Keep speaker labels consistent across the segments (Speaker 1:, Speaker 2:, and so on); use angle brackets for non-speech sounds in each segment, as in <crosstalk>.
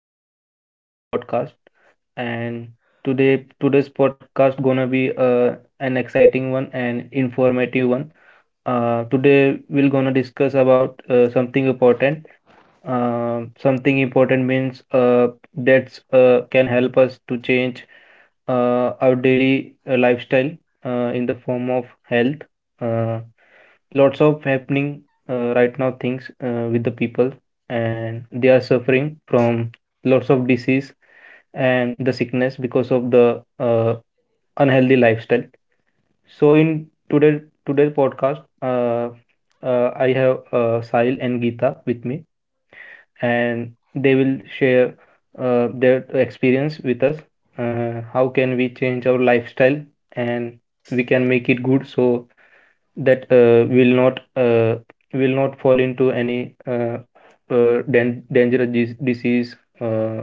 Speaker 1: Welcome back to our podcast. And today's podcast gonna be uh, an exciting one and informative one. Today we're gonna discuss about something important. Something important means that's can help us to change our daily lifestyle in the form of health. Uh, Lots of happening right now things with the people, and they are suffering from lots of disease and the sickness because of the unhealthy lifestyle. So in today's podcast I have Sahil and Geeta with me, and they will share their experience with us, how can we change our lifestyle, and we can make it good so that will not fall into any dangerous disease.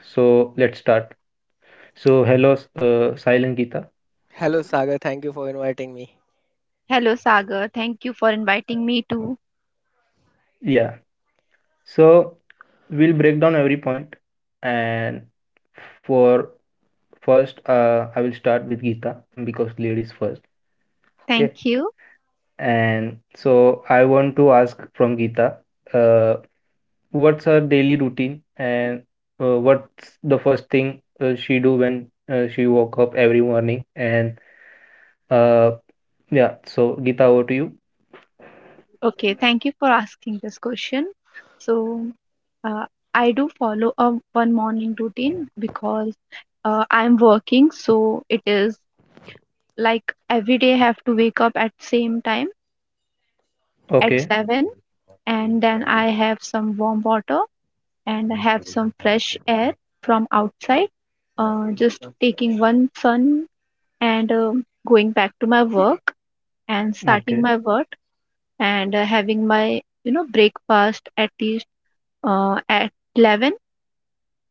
Speaker 1: So let's start. So hello, Sahil and Geeta.
Speaker 2: Hello Sagar, thank you for inviting me.
Speaker 3: Hello, Sagar. Thank you for inviting me too.
Speaker 1: Yeah. So we'll break down every point, and for first, I will start with Geeta because ladies first. Okay.
Speaker 3: Thank you.
Speaker 1: And so I want to ask from Geeta, uh, what's her daily routine and what's the first thing she do when she woke up every morning? And uh, yeah, so Geeta, over to you.
Speaker 3: Okay, thank you for asking this question. So, uh, I do follow a one morning routine because I'm working, so it is like every day I have to wake up at same time at
Speaker 1: Okay,
Speaker 3: 7, and then I have some warm water, and I have some fresh air from outside. Just taking one sun and going back to my work and starting
Speaker 1: okay,
Speaker 3: my work, and having my breakfast at least at 11.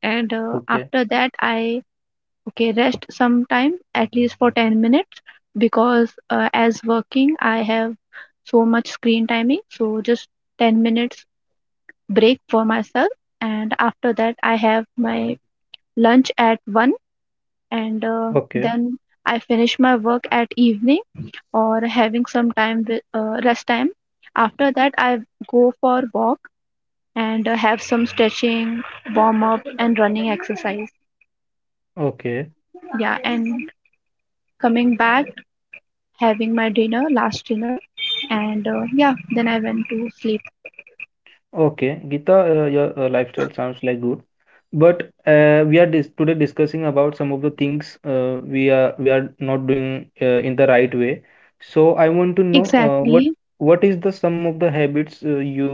Speaker 3: And
Speaker 1: okay,
Speaker 3: after that I okay, rest sometime at least for 10 minutes because as working I have so much screen timing, so just 10 minutes break for myself. And after that I have my lunch at 1, and
Speaker 1: okay,
Speaker 3: then I finish my work at evening, or having some time with rest time. After that I go for walk, and have some stretching, warm up, and running exercise.
Speaker 1: okay.
Speaker 3: Yeah, and coming back, having my dinner, last dinner, and yeah, then I went to sleep.
Speaker 1: Okay, Gita, your lifestyle sounds like good, but we are dis today discussing about some of the things we are not doing in the right way. So I want to know
Speaker 3: Exactly.
Speaker 1: what is the some of the habits you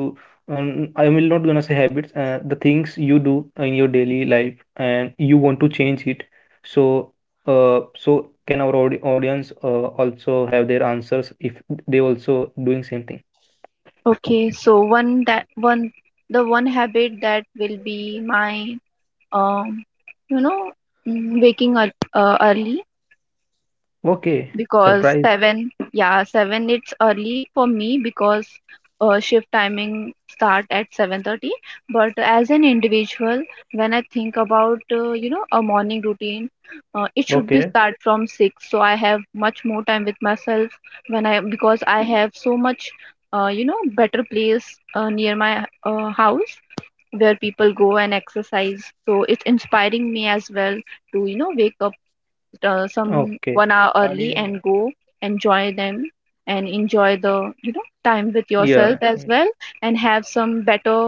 Speaker 1: I will not gonna say habits the things you do in your daily life and you want to change it. So so can our audience also have their answers if they also doing same thing?
Speaker 3: Okay, so one habit that will be my um you know waking up early.
Speaker 1: Okay,
Speaker 3: Because
Speaker 1: surprise.
Speaker 3: seven it's early for me because shift timing start at 7:30. But as an individual, when I think about a morning routine, it should be
Speaker 1: Okay.
Speaker 3: start from six. So I have much more time with myself when I, because I have so much better place near my house where people go and exercise, so it's inspiring me as well to wake up some
Speaker 1: Okay.
Speaker 3: 1 hour early and go enjoy them, and enjoy the time with yourself
Speaker 1: Yeah.
Speaker 3: as
Speaker 1: y-
Speaker 3: well, and have some better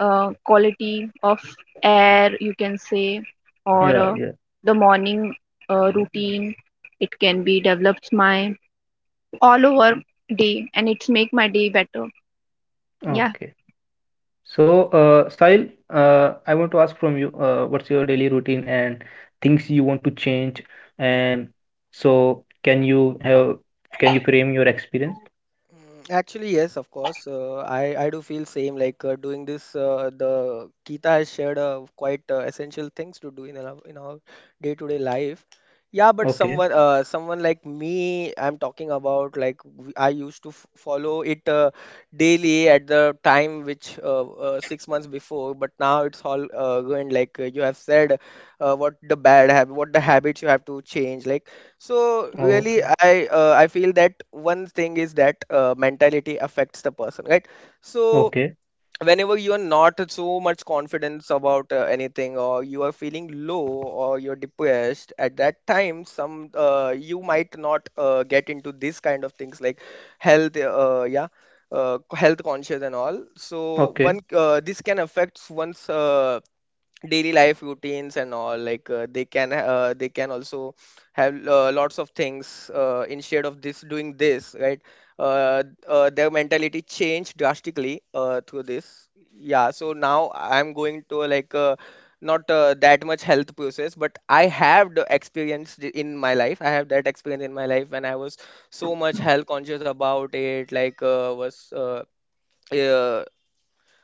Speaker 3: quality of air you can say. Or
Speaker 1: Yeah. Yeah.
Speaker 3: the morning routine, it can be develops my all over day, and it's make my day better. Yeah.
Speaker 1: Okay. So, Sahil, I want to ask from you, what's your daily routine and things you want to change? And so, can you have, can you frame your experience?
Speaker 2: Actually, yes, of course. I do feel same. Like doing this, the Kita has shared quite essential things to do in our day-to-day life. Yeah, but
Speaker 1: Okay.
Speaker 2: someone like me, I'm talking about like I used to f follow it daily at the time which 6 months before, but now it's all going like you have said, what the bad habit, what the habits you have to change. Like, so really,
Speaker 1: Okay.
Speaker 2: I feel that one thing is that mentality affects the person, right? So
Speaker 1: Okay.
Speaker 2: whenever you are not so much confidence about anything, or you are feeling low, or you're depressed, at that time, some you might not get into this kind of things like health, yeah, health conscious and all. So
Speaker 1: Okay.
Speaker 2: one this can affect one's daily life routines and all. Like, they can also have lots of things instead of this doing this, right? Their mentality changed drastically through this. Yeah, so now I'm going to, like, not that much health process, but I have the experience in my life. I have that experience in my life when I was so much health conscious about it. Like uh,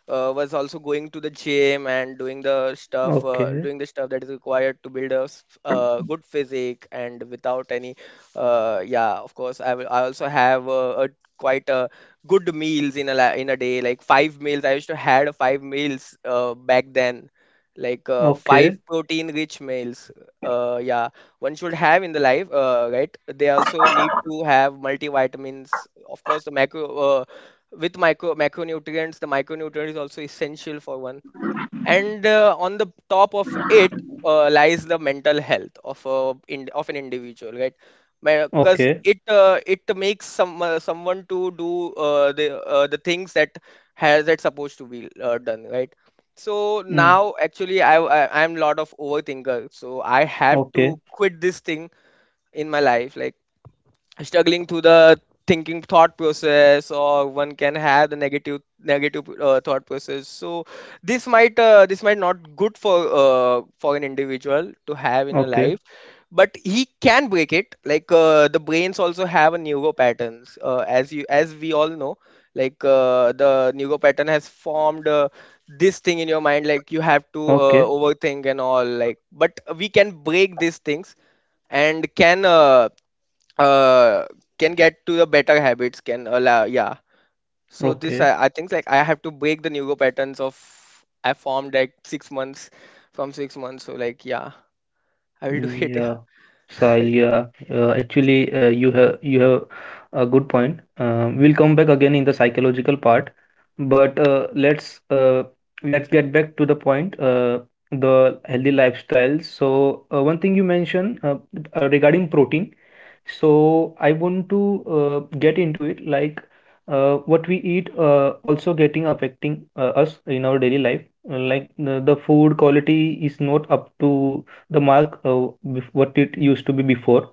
Speaker 2: was also going to the gym, and doing the stuff uh,
Speaker 1: Okay.
Speaker 2: doing the stuff that is required to build a good physique. And without any yeah, of course, I also have a quite a good meals in a day, like five meals. I used to had five meals back then, like five
Speaker 1: Okay.
Speaker 2: protein rich meals. Yeah, one should have in the life, right? They also need to have multivitamins. Of course, the macro with micro, macronutrients. The micronutrient is also essential for one. And on the top of it, lies the mental health of an individual, right? Because
Speaker 1: Okay.
Speaker 2: it makes someone to do the things that has that's supposed to be done, right? So
Speaker 1: Mm.
Speaker 2: now actually, I'm lot of overthinker, so I have to
Speaker 1: Okay.
Speaker 2: quit this thing in my life. Like, struggling through the thinking thought process, or one can have the negative thought process. So this might not good for an individual to have in your
Speaker 1: Okay.
Speaker 2: life. But he can break it. Like the brains also have a neuro patterns, as we all know. Like the neuro pattern has formed this thing in your mind, like you have to
Speaker 1: Okay.
Speaker 2: overthink and all. Like, but we can break these things, and uh can get to the better habits, can allow. Yeah. So this,
Speaker 1: Okay.
Speaker 2: I think, like, I have to break the neuro patterns of I formed like 6 months, from 6 months. So, like, yeah, I will do it.
Speaker 1: Yeah, Sahil, yeah. Actually, you have a good point. We'll come back again in the psychological part, but let's get back to the point. The healthy lifestyles. So one thing you mentioned regarding protein. So I want to get into it, like what we eat also getting affecting us in our daily life. Like the food quality is not up to the mark what it used to be before.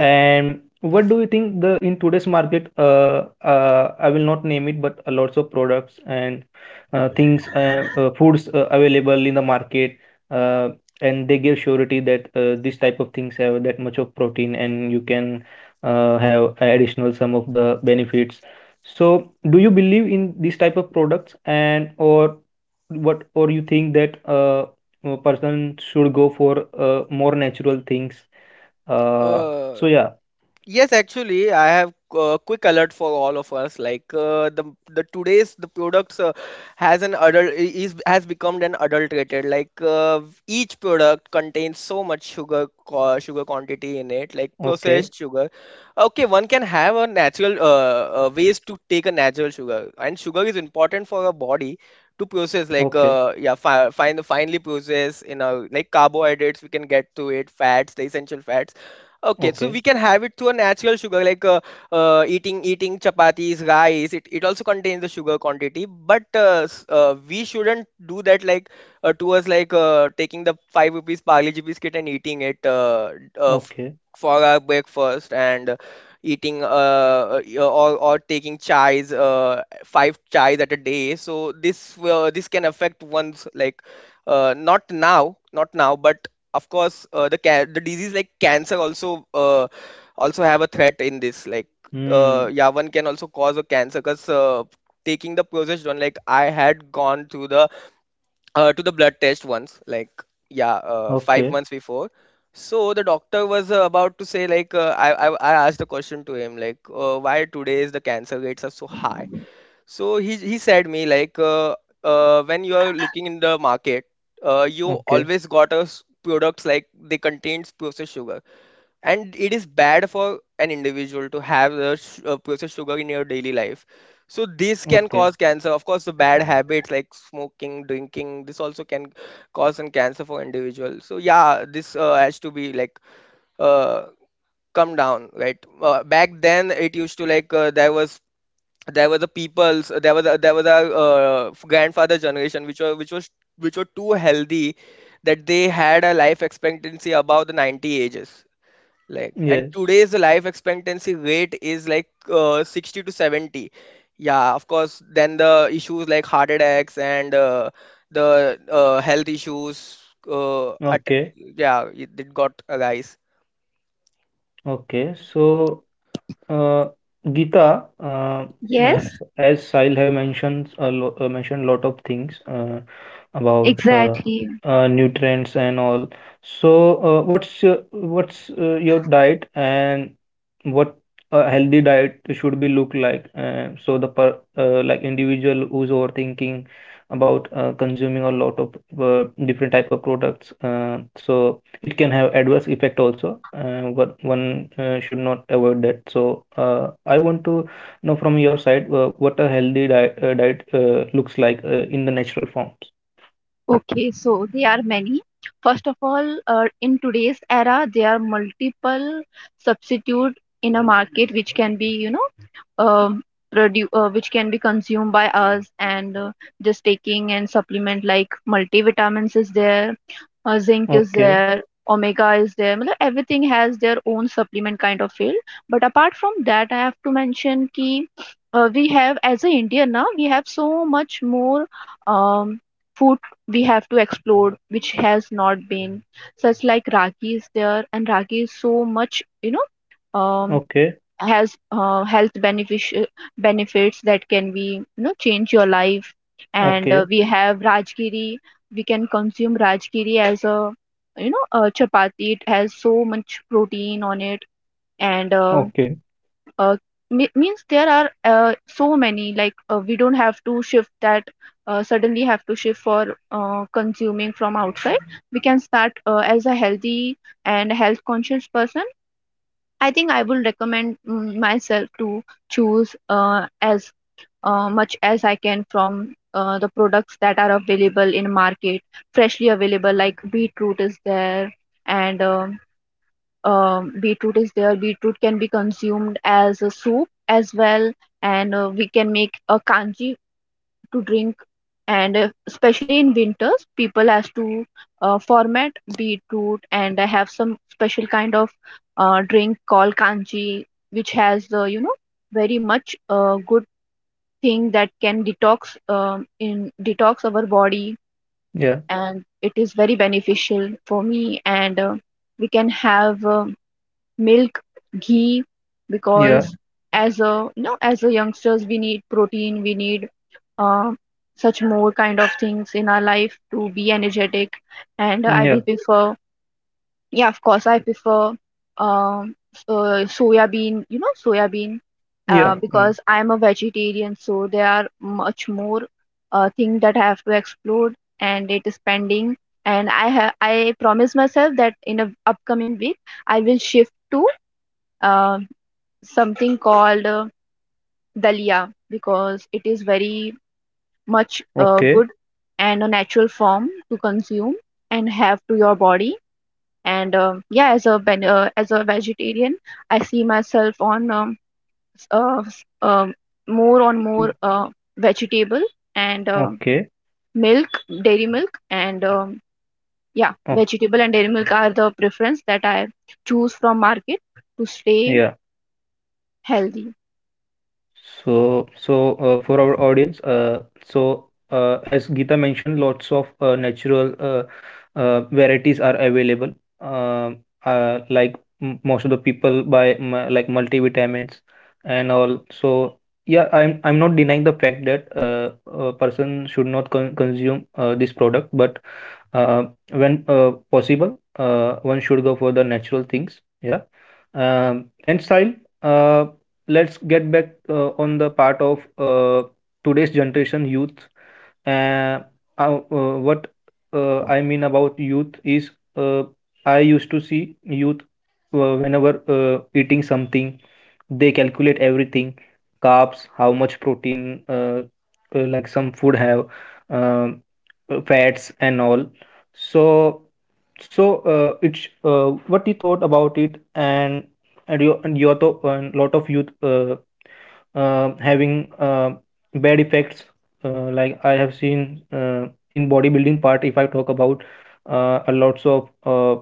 Speaker 1: And what do you think the in today's market? I will not name it, but a lots of products and things, foods available in the market, uh, and they give surety that this type of things have that much of protein, and you can have additional some of the benefits. So, do you believe in these type of products, and or what, or you think that a person should go for more natural things?
Speaker 2: <laughs>
Speaker 1: uh
Speaker 2: uh
Speaker 1: so yeah,
Speaker 2: Yes, actually, I have a quick alert for all of us. Like the today's the products has an is has become an adulterated. Like each product contains so much sugar quantity in it, like
Speaker 1: okay,
Speaker 2: processed sugar. Okay, one can have a natural ways to take a natural sugar, and sugar is important for our body to process. Like
Speaker 1: okay,
Speaker 2: yeah, fi fine finely process in a, like, carbohydrates, we can get to it, fats, the essential fats. Okay, so
Speaker 1: okay,
Speaker 2: we can have it through a natural sugar, like eating chapatis, rice. It also contains the sugar quantity, but we shouldn't do that, like towards, like taking the 5 rupees Parle G biscuit and eating it uh, f-
Speaker 1: okay,
Speaker 2: for our breakfast, and eating or taking chais, five chais at a day. So this can affect one's, like not now, not now, but of course the disease like cancer also, also have a threat in this. Like
Speaker 1: hmm,
Speaker 2: yeah, one can also cause a cancer because taking the progesterone. Like, I had gone to the blood test once. Like, yeah, 5
Speaker 1: okay,
Speaker 2: months before. So the doctor was about to say, like I asked the question to him, like why today is the cancer rates are so high. So he said me, like, when you are looking in the market, you
Speaker 1: okay,
Speaker 2: always got us products like they contains processed sugar, and it is bad for an individual to have the processed sugar in your daily life. So this can cause
Speaker 1: okay,
Speaker 2: cancer. Of course, the bad habits like smoking, drinking, this also can cause an cancer for individuals. So yeah, this has to be, like uh, come down, right? Back then, it used to, like there were the peoples, there was a grandfather generation which were too healthy, that they had a life expectancy above the 90 ages. Like, and
Speaker 1: yes,
Speaker 2: today's life expectancy rate is, like, 60 to 70. Yeah, of course, then the issues like heart attacks, and the health issues uh, at,
Speaker 1: okay,
Speaker 2: yeah, it got a rise.
Speaker 1: okay. So Uh, Geeta, uh,
Speaker 3: Yes.
Speaker 1: as Sahil have mentioned a lo mentioned lot of things about
Speaker 3: Exactly.
Speaker 1: nutrients and all. So, what's your diet and what a healthy diet should be look like? So the per like individual who's overthinking about consuming a lot of different type of products. So it can have adverse effect also one, one should not avoid that. So I want to know from your side what a healthy diet, diet looks like in the natural forms.
Speaker 3: Okay, so there are many. First of all, in today's era, there are multiple substitute in a market which can be, um which can be consumed by us. And just taking and supplement like multivitamins is there, zinc is
Speaker 1: Okay,
Speaker 3: there, omega is there. मतलब everything has their own supplement kind of field, but apart from that I have to mention ki we have, as an indian, now we have so much more um, food we have to explore, which has not been such. Like ragi is there, and ragi is so much you know um,
Speaker 1: okay,
Speaker 3: has benefits that can be change your life. And
Speaker 1: okay,
Speaker 3: we have rajgiri. We can consume rajgiri as a a chapati. It has so much protein on it. And
Speaker 1: okay,
Speaker 3: uh, means there are so many. Like we don't have to shift that suddenly have to shift for consuming from outside. We can start as a healthy and health conscious person. I think I will recommend myself to choose as much as I can from the products that are available in market, freshly available. Like beetroot is there, and beetroot is there. Beetroot can be consumed as a soup as well, and we can make a kanji to drink. And especially in winters, people has to format beetroot, and I have some special kind of drink called kanji, which has very much good thing that can detox in detox our body,
Speaker 1: yeah,
Speaker 3: and it is very beneficial for me. And we can have milk, ghee,
Speaker 1: yeah,
Speaker 3: because as a you know as a youngsters we need protein, we need uh, such more kind of things in our life to be energetic. And I
Speaker 1: yeah,
Speaker 3: will prefer, yeah, of course I prefer um soya bean, soya bean,
Speaker 1: yeah, mm,
Speaker 3: because I'm a vegetarian. So there are much more things that I have to explore, and it is pending. And I promise myself that in a upcoming week I will shift to uh, something called dalia, because it is very much
Speaker 1: okay,
Speaker 3: good and a natural form to consume and have to your body. And yeah, as as a vegetarian, I see myself on s- uh, s- um, more
Speaker 1: mm,
Speaker 3: vegetable, and
Speaker 1: okay,
Speaker 3: milk, dairy milk. And yeah,
Speaker 1: oh,
Speaker 3: vegetable and dairy milk are the preference that I choose from market to stay
Speaker 1: yeah.
Speaker 3: healthy.
Speaker 1: So, so for our audience, so as Gita mentioned, lots of natural varieties are available. Uh, like m most of the people buy like multivitamins and all. So yeah, I'm not denying the fact that a person should not consume this product, but uh, when possible, one should go for the natural things. Yeah, and style. Uh, let's get back on the part of today's generation youth, uh, what I mean about youth is uh, I used to see youth whenever eating something, they calculate everything, carbs, how much protein, like some food have, um, fats and all. So, so it's what you thought about it, and you and your thought, and lot of youth having bad effects like I have seen in bodybuilding part, if I talk about a lots of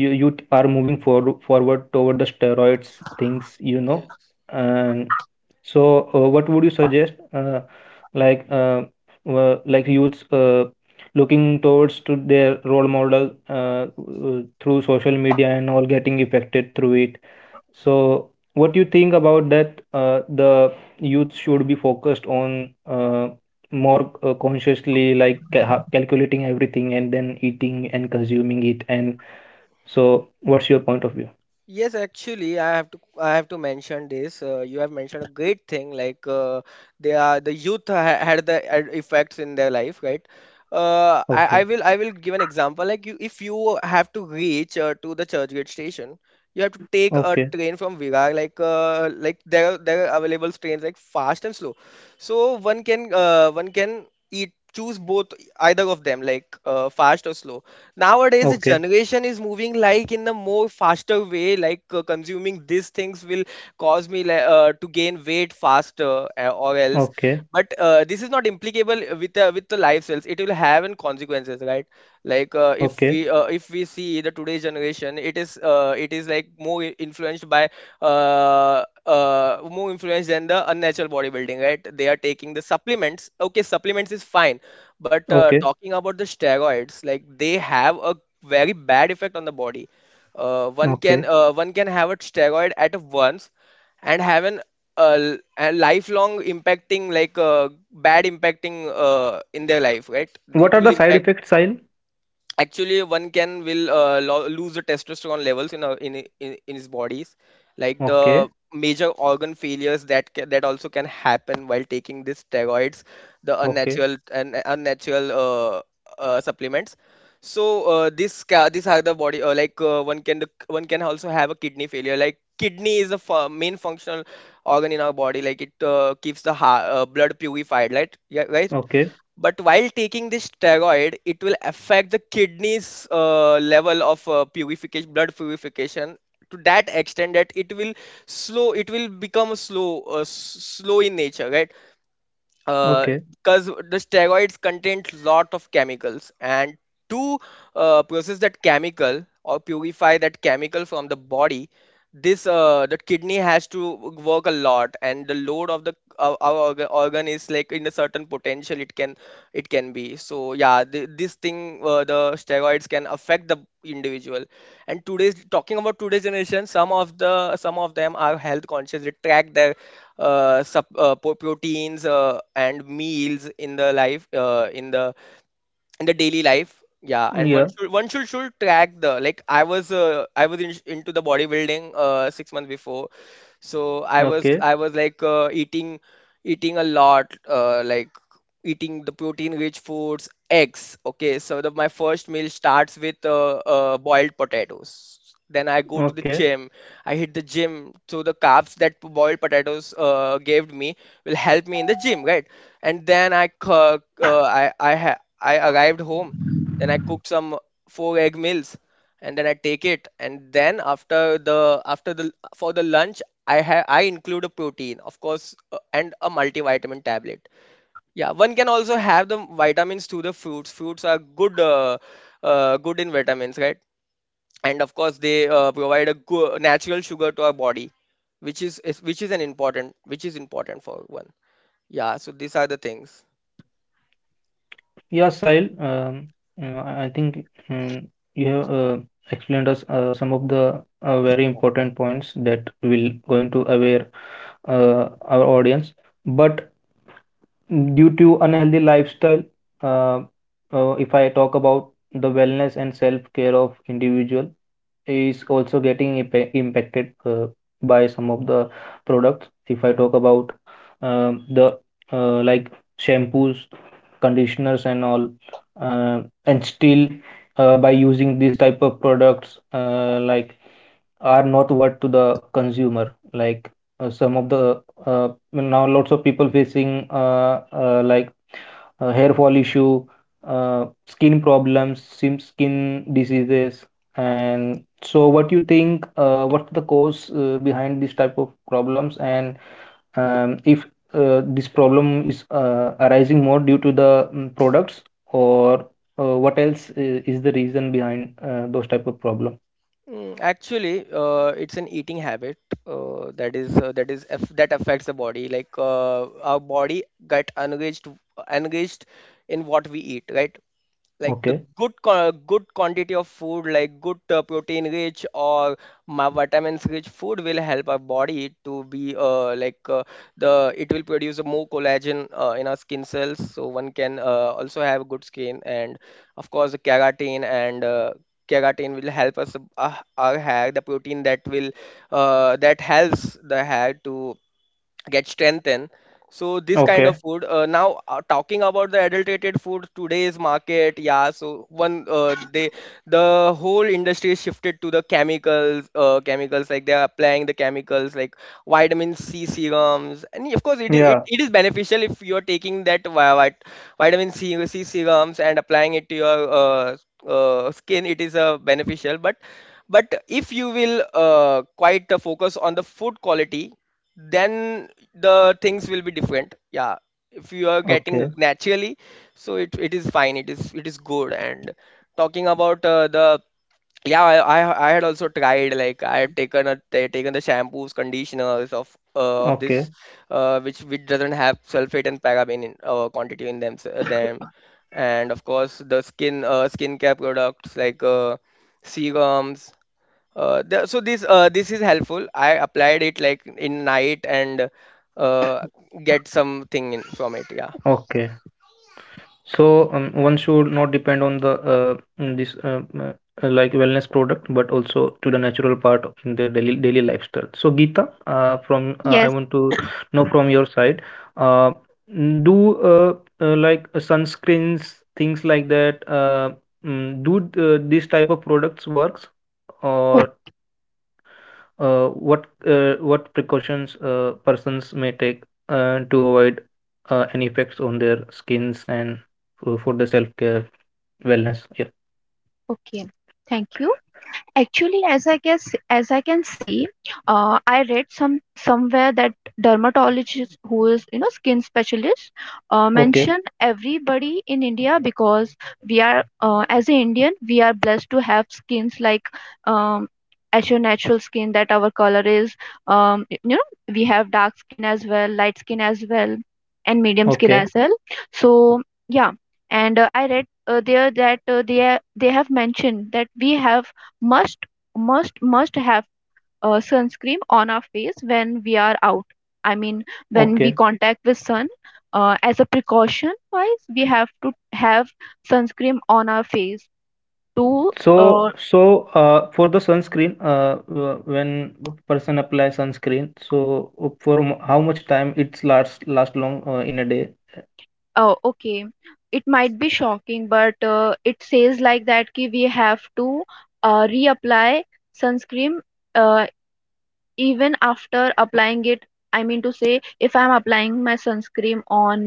Speaker 1: you are moving forward toward the steroids things, you know, and so what would you suggest? Like like youths looking towards to their role model through social media and all getting affected through it. So, what do you think about that? The youth should be focused on more consciously, like calculating everything and then eating and consuming it. And so, what's your point of view?
Speaker 2: Yes, actually, I have to mention this. You have mentioned a great thing, like they are the youth had the effects in their life, right? I, I
Speaker 1: Okay,
Speaker 2: will I will give an example. Like, you, if you have to reach to the Churchgate station, you have to take a
Speaker 1: okay,
Speaker 2: train from Virar. Like there are available trains like fast and slow, so one can eat choose both, either of them, like fast or slow. Nowadays the
Speaker 1: okay,
Speaker 2: generation is moving, like, in a more faster way. Like consuming these things will cause me, like, to gain weight faster, or else.
Speaker 1: okay,
Speaker 2: But this is not implicable with the lifestyles. It will have in consequences, right? Like if
Speaker 1: okay,
Speaker 2: we uh, if we see the today's generation, it is like more influenced by more influenced than the unnatural bodybuilding, right? They are taking the supplements. Okay, supplements is fine, but
Speaker 1: okay,
Speaker 2: talking about the steroids, like, they have a very bad effect on the body. One can
Speaker 1: okay.
Speaker 2: uh, one can have a steroid at once, and have a lifelong impacting, like bad impacting in their life, right?
Speaker 1: What
Speaker 2: It
Speaker 1: are
Speaker 2: will
Speaker 1: the side
Speaker 2: impact,
Speaker 1: effects, Sahil?
Speaker 2: actually, one can will lose the testosterone levels in, a, in I- in his bodies, like the
Speaker 1: Okay,
Speaker 2: major organ failures that also can happen while taking these steroids, the
Speaker 1: okay,
Speaker 2: unnatural supplements. So these are the body, like one can also have a kidney failure. Like, kidney is the main functional organ in our body, like it keeps the blood purified, right? Yeah, right.
Speaker 1: okay,
Speaker 2: But while taking this steroid, it will affect the kidneys level of purification, blood purification, to that extent that it will become slow in nature, right? uh,
Speaker 1: okay.
Speaker 2: because the steroids contain lot of chemicals, and to process that chemical or purify that chemical from the body, this the kidney has to work a lot, and the load of the our organ is like, in a certain potential it can be. So yeah, this thing, the steroids can affect the individual. And today's, talking about today's generation, some of them are health conscious, they track their proteins and meals in the daily life, yeah. And one
Speaker 1: Yeah,
Speaker 2: should one should should track the, like, I was into the bodybuilding 6 months before. So i was
Speaker 1: okay,
Speaker 2: i was like eating a lot, like eating the protein rich foods, eggs. Okay, so my first meal starts with boiled potatoes. Then I go to the
Speaker 1: okay.
Speaker 2: gym, I hit the gym. So the carbs that boiled potatoes gave me will help me in the gym, right? And then I c- I ha- I arrived home. Then I cooked some four egg meals, and then I take it. And then, after the for the lunch, I include a protein, of course, and a multivitamin tablet. Yeah, one can also have the vitamins through the fruits. Fruits are good, good in vitamins, right? And of course, they provide a good natural sugar to our body, which is which is an important which is important for one. Yeah, so these are the things.
Speaker 1: Yeah, Sahil, you I think um, you have explained us some of the very important points that will going to aware our audience. But due to unhealthy lifestyle uh, if I talk about the wellness and self care of individual is also getting impacted by some of the products. If I talk about the like shampoos, conditioners and all, and still by using these type of products like are not worth to the consumer, like some of the well, now lots of people facing like hair fall issue, skin problems, sim skin diseases. And so what you think what's the cause behind this type of problems and if this problem is arising more due to the products or what else is the reason behind those type of problem.
Speaker 2: Actually, it's an eating habit that affects the body. Like our body get engaged in what we eat, right? Like the
Speaker 1: Okay,
Speaker 2: good quantity of food like good protein rich or vitamins rich food will help our body to be like the it will produce more collagen in our skin cells, so one can also have good skin. And of course, the keratin and keratin will help us our hair, the protein that will that helps the hair to get strengthened. So this kind of
Speaker 1: okay,
Speaker 2: food, now talking about the adulterated food, today's market, yeah, so one they the whole industry is shifted to the chemicals, chemicals like they are applying the chemicals like vitamin c serums, and of course it is it,
Speaker 1: yeah,
Speaker 2: it is beneficial if you are taking that vitamin c, c serums and applying it to your skin. It is beneficial, but if you will quite focus on the food quality, then the things will be different. Yeah, if you are getting
Speaker 1: okay,
Speaker 2: naturally, so it is fine it is good. And talking about the yeah I had also tried, like I have taken a taken the shampoos, conditioners of this
Speaker 1: okay,
Speaker 2: which doesn't have sulfate and paraben in quantity in them, and of course the skincare products like serums. The, so this This is helpful. I applied it like in night and uh, get something from it. Yeah.
Speaker 1: okay. So one should not depend on the this like wellness product, but also to the natural part in their daily lifestyle. So Geeta, from I
Speaker 3: Yes.
Speaker 1: want to know from your side, uh, do like sunscreens things like that? Do these type of products works, or what precautions persons may take to avoid any effects on their skins and for the self care wellness? Yeah.
Speaker 3: Okay, thank you. Actually, as I guess, as I can see, I read some somewhere that dermatologist, who is skin specialist,
Speaker 1: Okay.
Speaker 3: mention everybody in India. Because we are as an Indian, we are blessed to have skins like um, as your natural skin, that our color is we have dark skin as well, light skin as well, and medium skin
Speaker 1: Okay.
Speaker 3: as well. So yeah, and I read there that they have mentioned that we have must must have sunscreen on our face when we are out, I mean when we
Speaker 1: Okay.
Speaker 3: contact the sun. As a precaution wise, we have to have sunscreen on our face to
Speaker 1: So
Speaker 3: uh,
Speaker 1: so for the sunscreen, when person apply sunscreen, so for how much time it's last long in a day?
Speaker 3: okay, it might be shocking, but it says like that ki we have to reapply sunscreen uh, even after applying it. I mean to say, if I'm applying my sunscreen on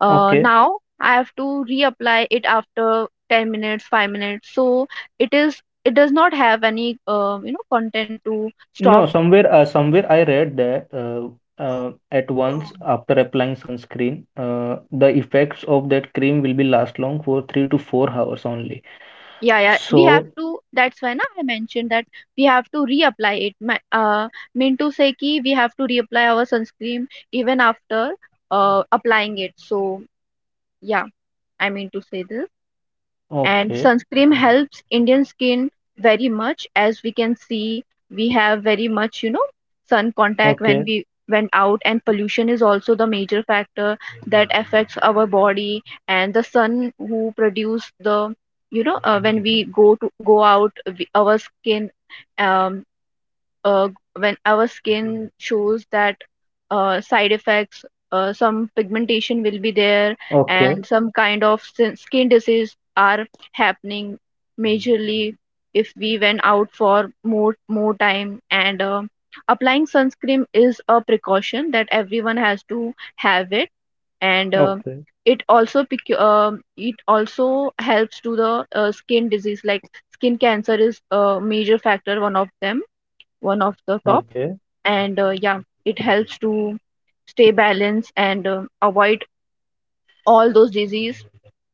Speaker 1: Okay.
Speaker 3: now, I have to reapply it after 10 minutes, 5 minutes. So it is, it does not have any content to
Speaker 1: No,
Speaker 3: stop.
Speaker 1: somewhere somewhere I read that at once after applying sunscreen, the effects of that cream will be last long for 3 to 4 hours only.
Speaker 3: Yeah, yeah, we have
Speaker 1: So,
Speaker 3: to. That's why na, I mentioned that we have to reapply it. My, mean to say ki we have to reapply our sunscreen even after applying it. So yeah, I mean to say this. And
Speaker 1: okay,
Speaker 3: sunscreen helps indian skin very much, as we can see we have very much sun contact when
Speaker 1: okay,
Speaker 3: we went out. And pollution is also the major factor that affects our body. And the sun who produce the when we go to go out, our skin, um, uh, when our skin shows that side effects, some pigmentation will be there,
Speaker 1: okay,
Speaker 3: and some kind of skin disease are happening majorly if we went out for more more time. And applying sunscreen is a precaution that everyone has to have it. And
Speaker 1: okay,
Speaker 3: it also it also helps to the skin disease, like skin cancer is a major factor, one of them, one of the top.
Speaker 1: okay.
Speaker 3: And yeah, it helps to stay balanced and avoid all those disease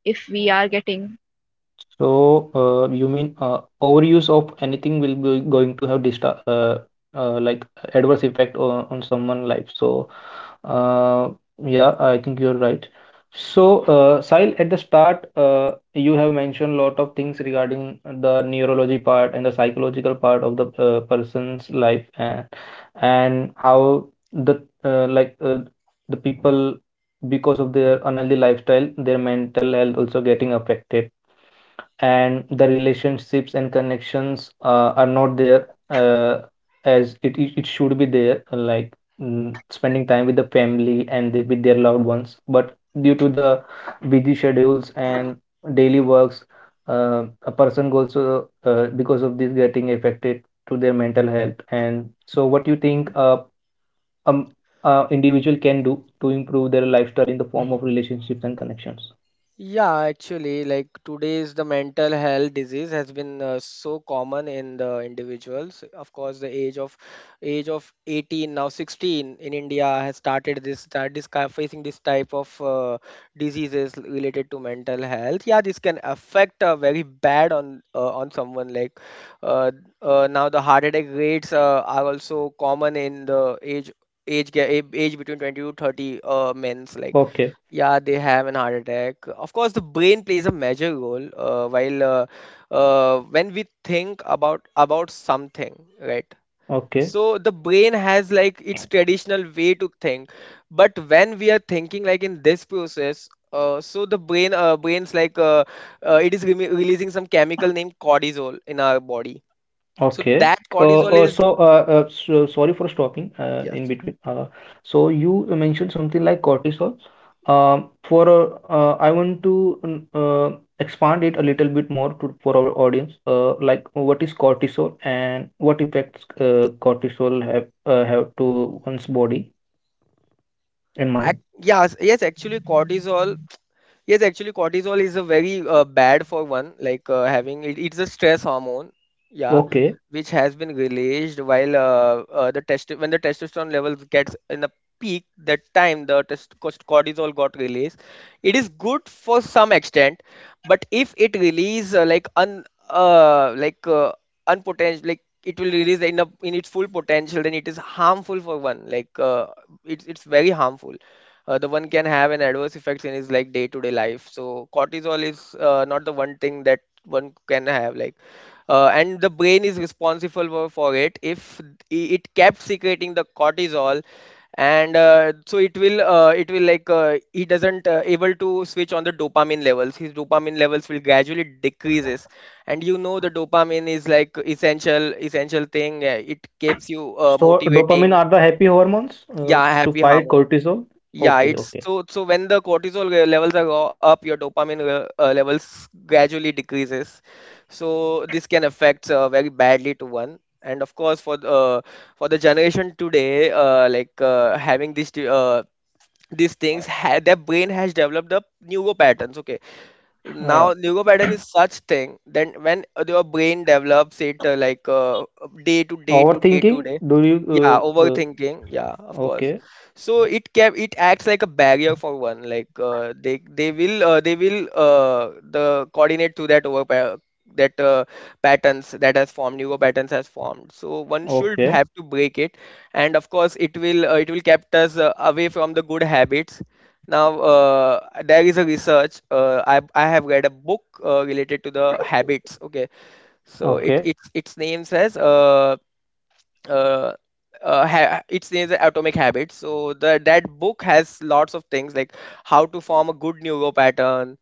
Speaker 3: if we are getting.
Speaker 1: So, you mean overuse of anything will be going to have dista like adverse effect on someone' life. So, uh, yeah, I think you're right. So, Sahil, at the start, you have mentioned a lot of things regarding the neurology part and the psychological part of the person's life, and how the like the people, because of their unhealthy lifestyle, their mental health also getting affected, and the relationships and connections are not there as it should be there, like spending time with the family and with their loved ones. But due to the busy schedules and daily works, a person goes because of this getting affected to their mental health. And so what you think um individual can do to improve their lifestyle in the form of relationships and connections.
Speaker 2: Yeah, actually, like today's, the mental health disease has been so common in the individuals. Of course, the age of 18, now 16 in India has started this facing this type of diseases related to mental health. Yeah, this can affect very bad on someone like uh, now the heart attack rates are also common in the age between 20 to 30 men's, like
Speaker 1: Okay,
Speaker 2: yeah, they have an heart attack. Of course, the brain plays a major role. While When we think about something, right?
Speaker 1: okay,
Speaker 2: So the brain has like its traditional way to think, but when we are thinking like in this process, so the brain brains like, it is releasing some chemical named cortisol in our body. So
Speaker 1: okay.
Speaker 2: that cortisol is,
Speaker 1: So, so, sorry for stopping
Speaker 2: yes.
Speaker 1: in between. So you mentioned something like cortisol. For I want to expand it a little bit more to, for our audience. Like what is cortisol and what effects cortisol have to one's body and
Speaker 2: Ac-
Speaker 1: mind?
Speaker 2: yes, yes, actually cortisol Yes, actually, cortisol is a very bad for one, like having it, it's a stress hormone, yeah,
Speaker 1: Okay.
Speaker 2: which has been released while the test when the testosterone levels gets in the peak. That time the cortisol got released. It is good for some extent, but if it release like un like unpotential, like it will release in in its full potential, then it is harmful for one. Like it's very harmful. The one can have an adverse effects in his like day-to-day life. So cortisol is not the one thing that one can have, like and the brain is responsible for it. If it kept secreting the cortisol, and so it will like, he doesn't able to switch on the dopamine levels. His dopamine levels will gradually decreases. And you know the dopamine is like essential thing, it keeps you
Speaker 1: So dopamine
Speaker 2: motivating.
Speaker 1: are the happy hormones
Speaker 2: Yeah,
Speaker 1: to
Speaker 2: happy
Speaker 1: fight
Speaker 2: hormone.
Speaker 1: cortisol.
Speaker 2: Yeah,
Speaker 1: Okay,
Speaker 2: it's,
Speaker 1: okay.
Speaker 2: so so when the cortisol levels are go up, your dopamine levels gradually decreases. So this can affect very badly to one. And of course, for the generation today, having these things, ha their brain has developed a neural patterns. Okay, now
Speaker 1: Uh,
Speaker 2: Lego pattern is such thing, then when your brain develops it, day to day to day to
Speaker 1: Overthinking.
Speaker 2: day,
Speaker 1: Do
Speaker 2: yeah,
Speaker 1: you?
Speaker 2: overthinking, yeah, of course.
Speaker 1: Okay,
Speaker 2: So it can, it acts like a barrier for one, like they they will the coordinate to that over that patterns that has formed, Lego patterns has formed, so one should
Speaker 1: okay,
Speaker 2: have to break it. And of course it will kept us away from the good habits. Now, there is a research. I have read a book related to the habits. Okay, so it
Speaker 1: okay,
Speaker 2: it's its name says uh, its name is Atomic Habits. So the, that book has lots of things like how to form a good neuro pattern.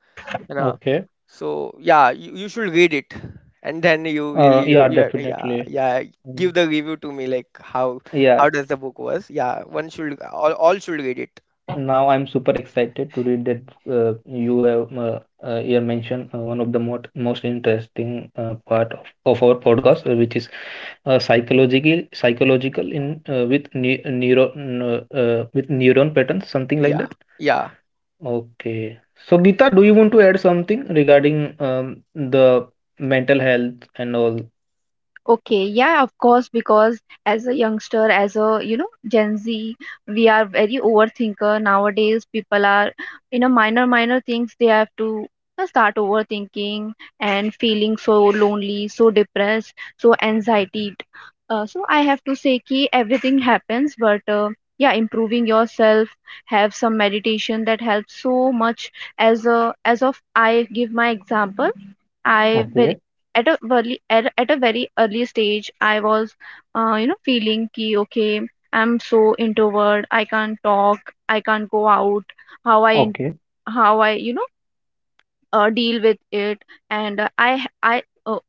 Speaker 2: You know,
Speaker 1: okay.
Speaker 2: so yeah, you should read it, and then you will
Speaker 1: Yeah,
Speaker 2: you yeah,
Speaker 1: definitely.
Speaker 2: yeah,
Speaker 1: Mm,
Speaker 2: give the review to me, like how
Speaker 1: yeah.
Speaker 2: how does the book was. Yeah, one should all should read it.
Speaker 1: Now I'm super excited to read that. You have you have mentioned one of the most interesting part of our podcast, which is psychological in with neuron patterns, something like
Speaker 2: Yeah,
Speaker 1: that.
Speaker 2: yeah.
Speaker 1: Okay. So, Geeta, do you want to add something regarding the mental health and all?
Speaker 3: Okay, yeah, of course, because as a youngster, as a Gen Z, we are very overthinker nowadays. People are, minor minor things, they have to start overthinking and feeling so lonely, so depressed, so anxiety. So I have to say ki everything happens, but yeah, improving yourself, have some meditation that helps so much. As, a as of, I give my example. I
Speaker 1: Okay,
Speaker 3: very, at a very, at a very early stage I was feeling ki okay, I'm so introvert, I can't talk, I can't go out, how I in-
Speaker 1: okay,
Speaker 3: how I deal with it. And I h- I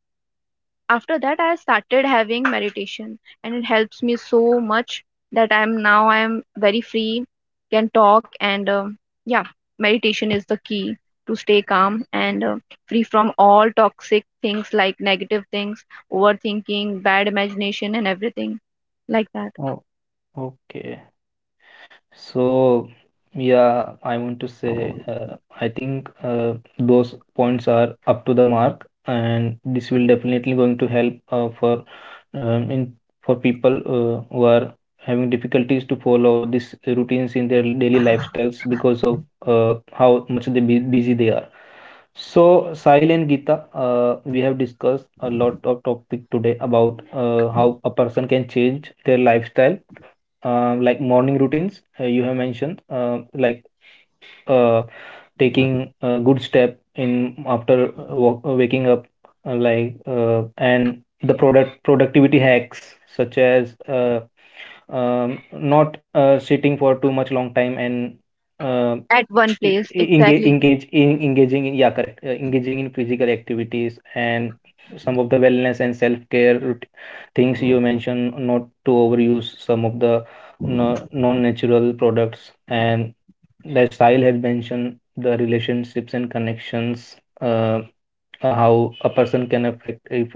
Speaker 3: after that I started having meditation, and it helps me so much that I'm very free, can talk. And yeah, meditation is the key to stay calm and free from all toxic things, like negative things, overthinking, bad imagination, and everything like that.
Speaker 1: oh, okay. So, yeah, I want to say, I think those points are up to the mark, and this will definitely going to help for in for people who are having difficulties to follow these routines in their daily lifestyles because of how much they be busy they are. So, Sahil and Geeta, we have discussed a lot of topic today about how a person can change their lifestyle, like morning routines you have mentioned like uh, taking a good step in after waking up, like and the productivity hacks such as not sitting for too much long time, and uh
Speaker 3: At one place,
Speaker 1: engage
Speaker 3: exactly.
Speaker 1: engage in engaging in, yeah, correct, engaging in physical activities, and some of the wellness and self-care things you mentioned, not to overuse some of the no, non-natural products, and the style has mentioned the relationships and connections, how a person can affect if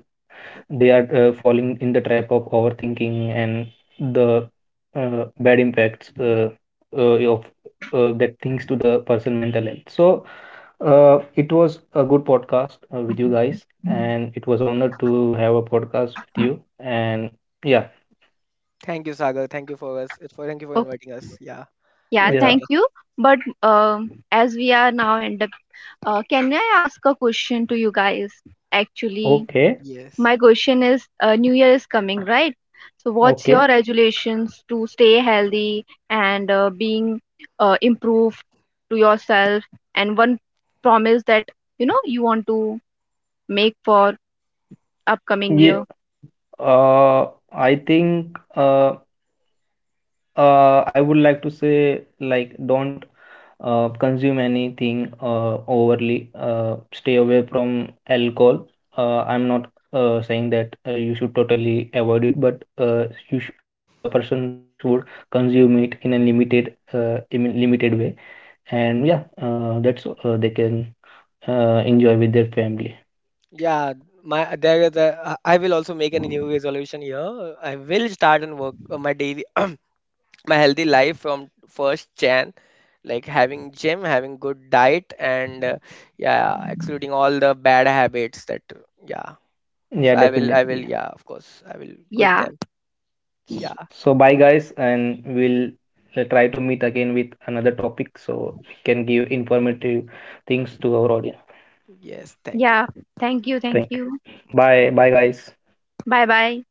Speaker 1: they are falling in the trap of overthinking and the bad impacts of that things to the person mental health. So it was a good podcast with you guys, and it was honored to have a podcast with you. And yeah,
Speaker 2: Thank you, Sagar. Thank you for us. It's For thank you for
Speaker 3: Oh,
Speaker 2: inviting us. Yeah,
Speaker 3: yeah,
Speaker 2: once
Speaker 1: yeah,
Speaker 3: thank
Speaker 2: again.
Speaker 3: you. But as we are now end up, can I ask a question to you guys, actually?
Speaker 1: okay,
Speaker 3: My
Speaker 2: Yes.
Speaker 3: question is, New Year is coming, right? So, what's your
Speaker 1: okay,
Speaker 3: resolutions to stay healthy and being improved to yourself, and one promise that you want to make for upcoming year?
Speaker 1: yeah. uh, I think I would like to say, like, don't consume anything overly. Stay away from alcohol. I'm not saying that you should totally avoid it, but a person should consume it in a limited, im limited way. And yeah, that's all. They can enjoy with their family.
Speaker 2: Yeah, my there is a. I will also make a new resolution here. I will start and work on my daily, <clears throat> my healthy life from first Jan, like having gym, having good diet, and yeah, excluding all the bad habits that yeah.
Speaker 1: Yeah,
Speaker 2: So I will,
Speaker 1: definitely.
Speaker 2: yeah, of course, I will quit
Speaker 3: Yeah,
Speaker 2: them. Yeah.
Speaker 1: So bye guys, and we'll try to meet again with another topic so we can give informative things to our audience.
Speaker 2: Yes. Thank you.
Speaker 3: yeah. Thank you, thank
Speaker 1: Thank
Speaker 3: you.
Speaker 1: you. Bye. Bye guys.
Speaker 3: Bye, bye.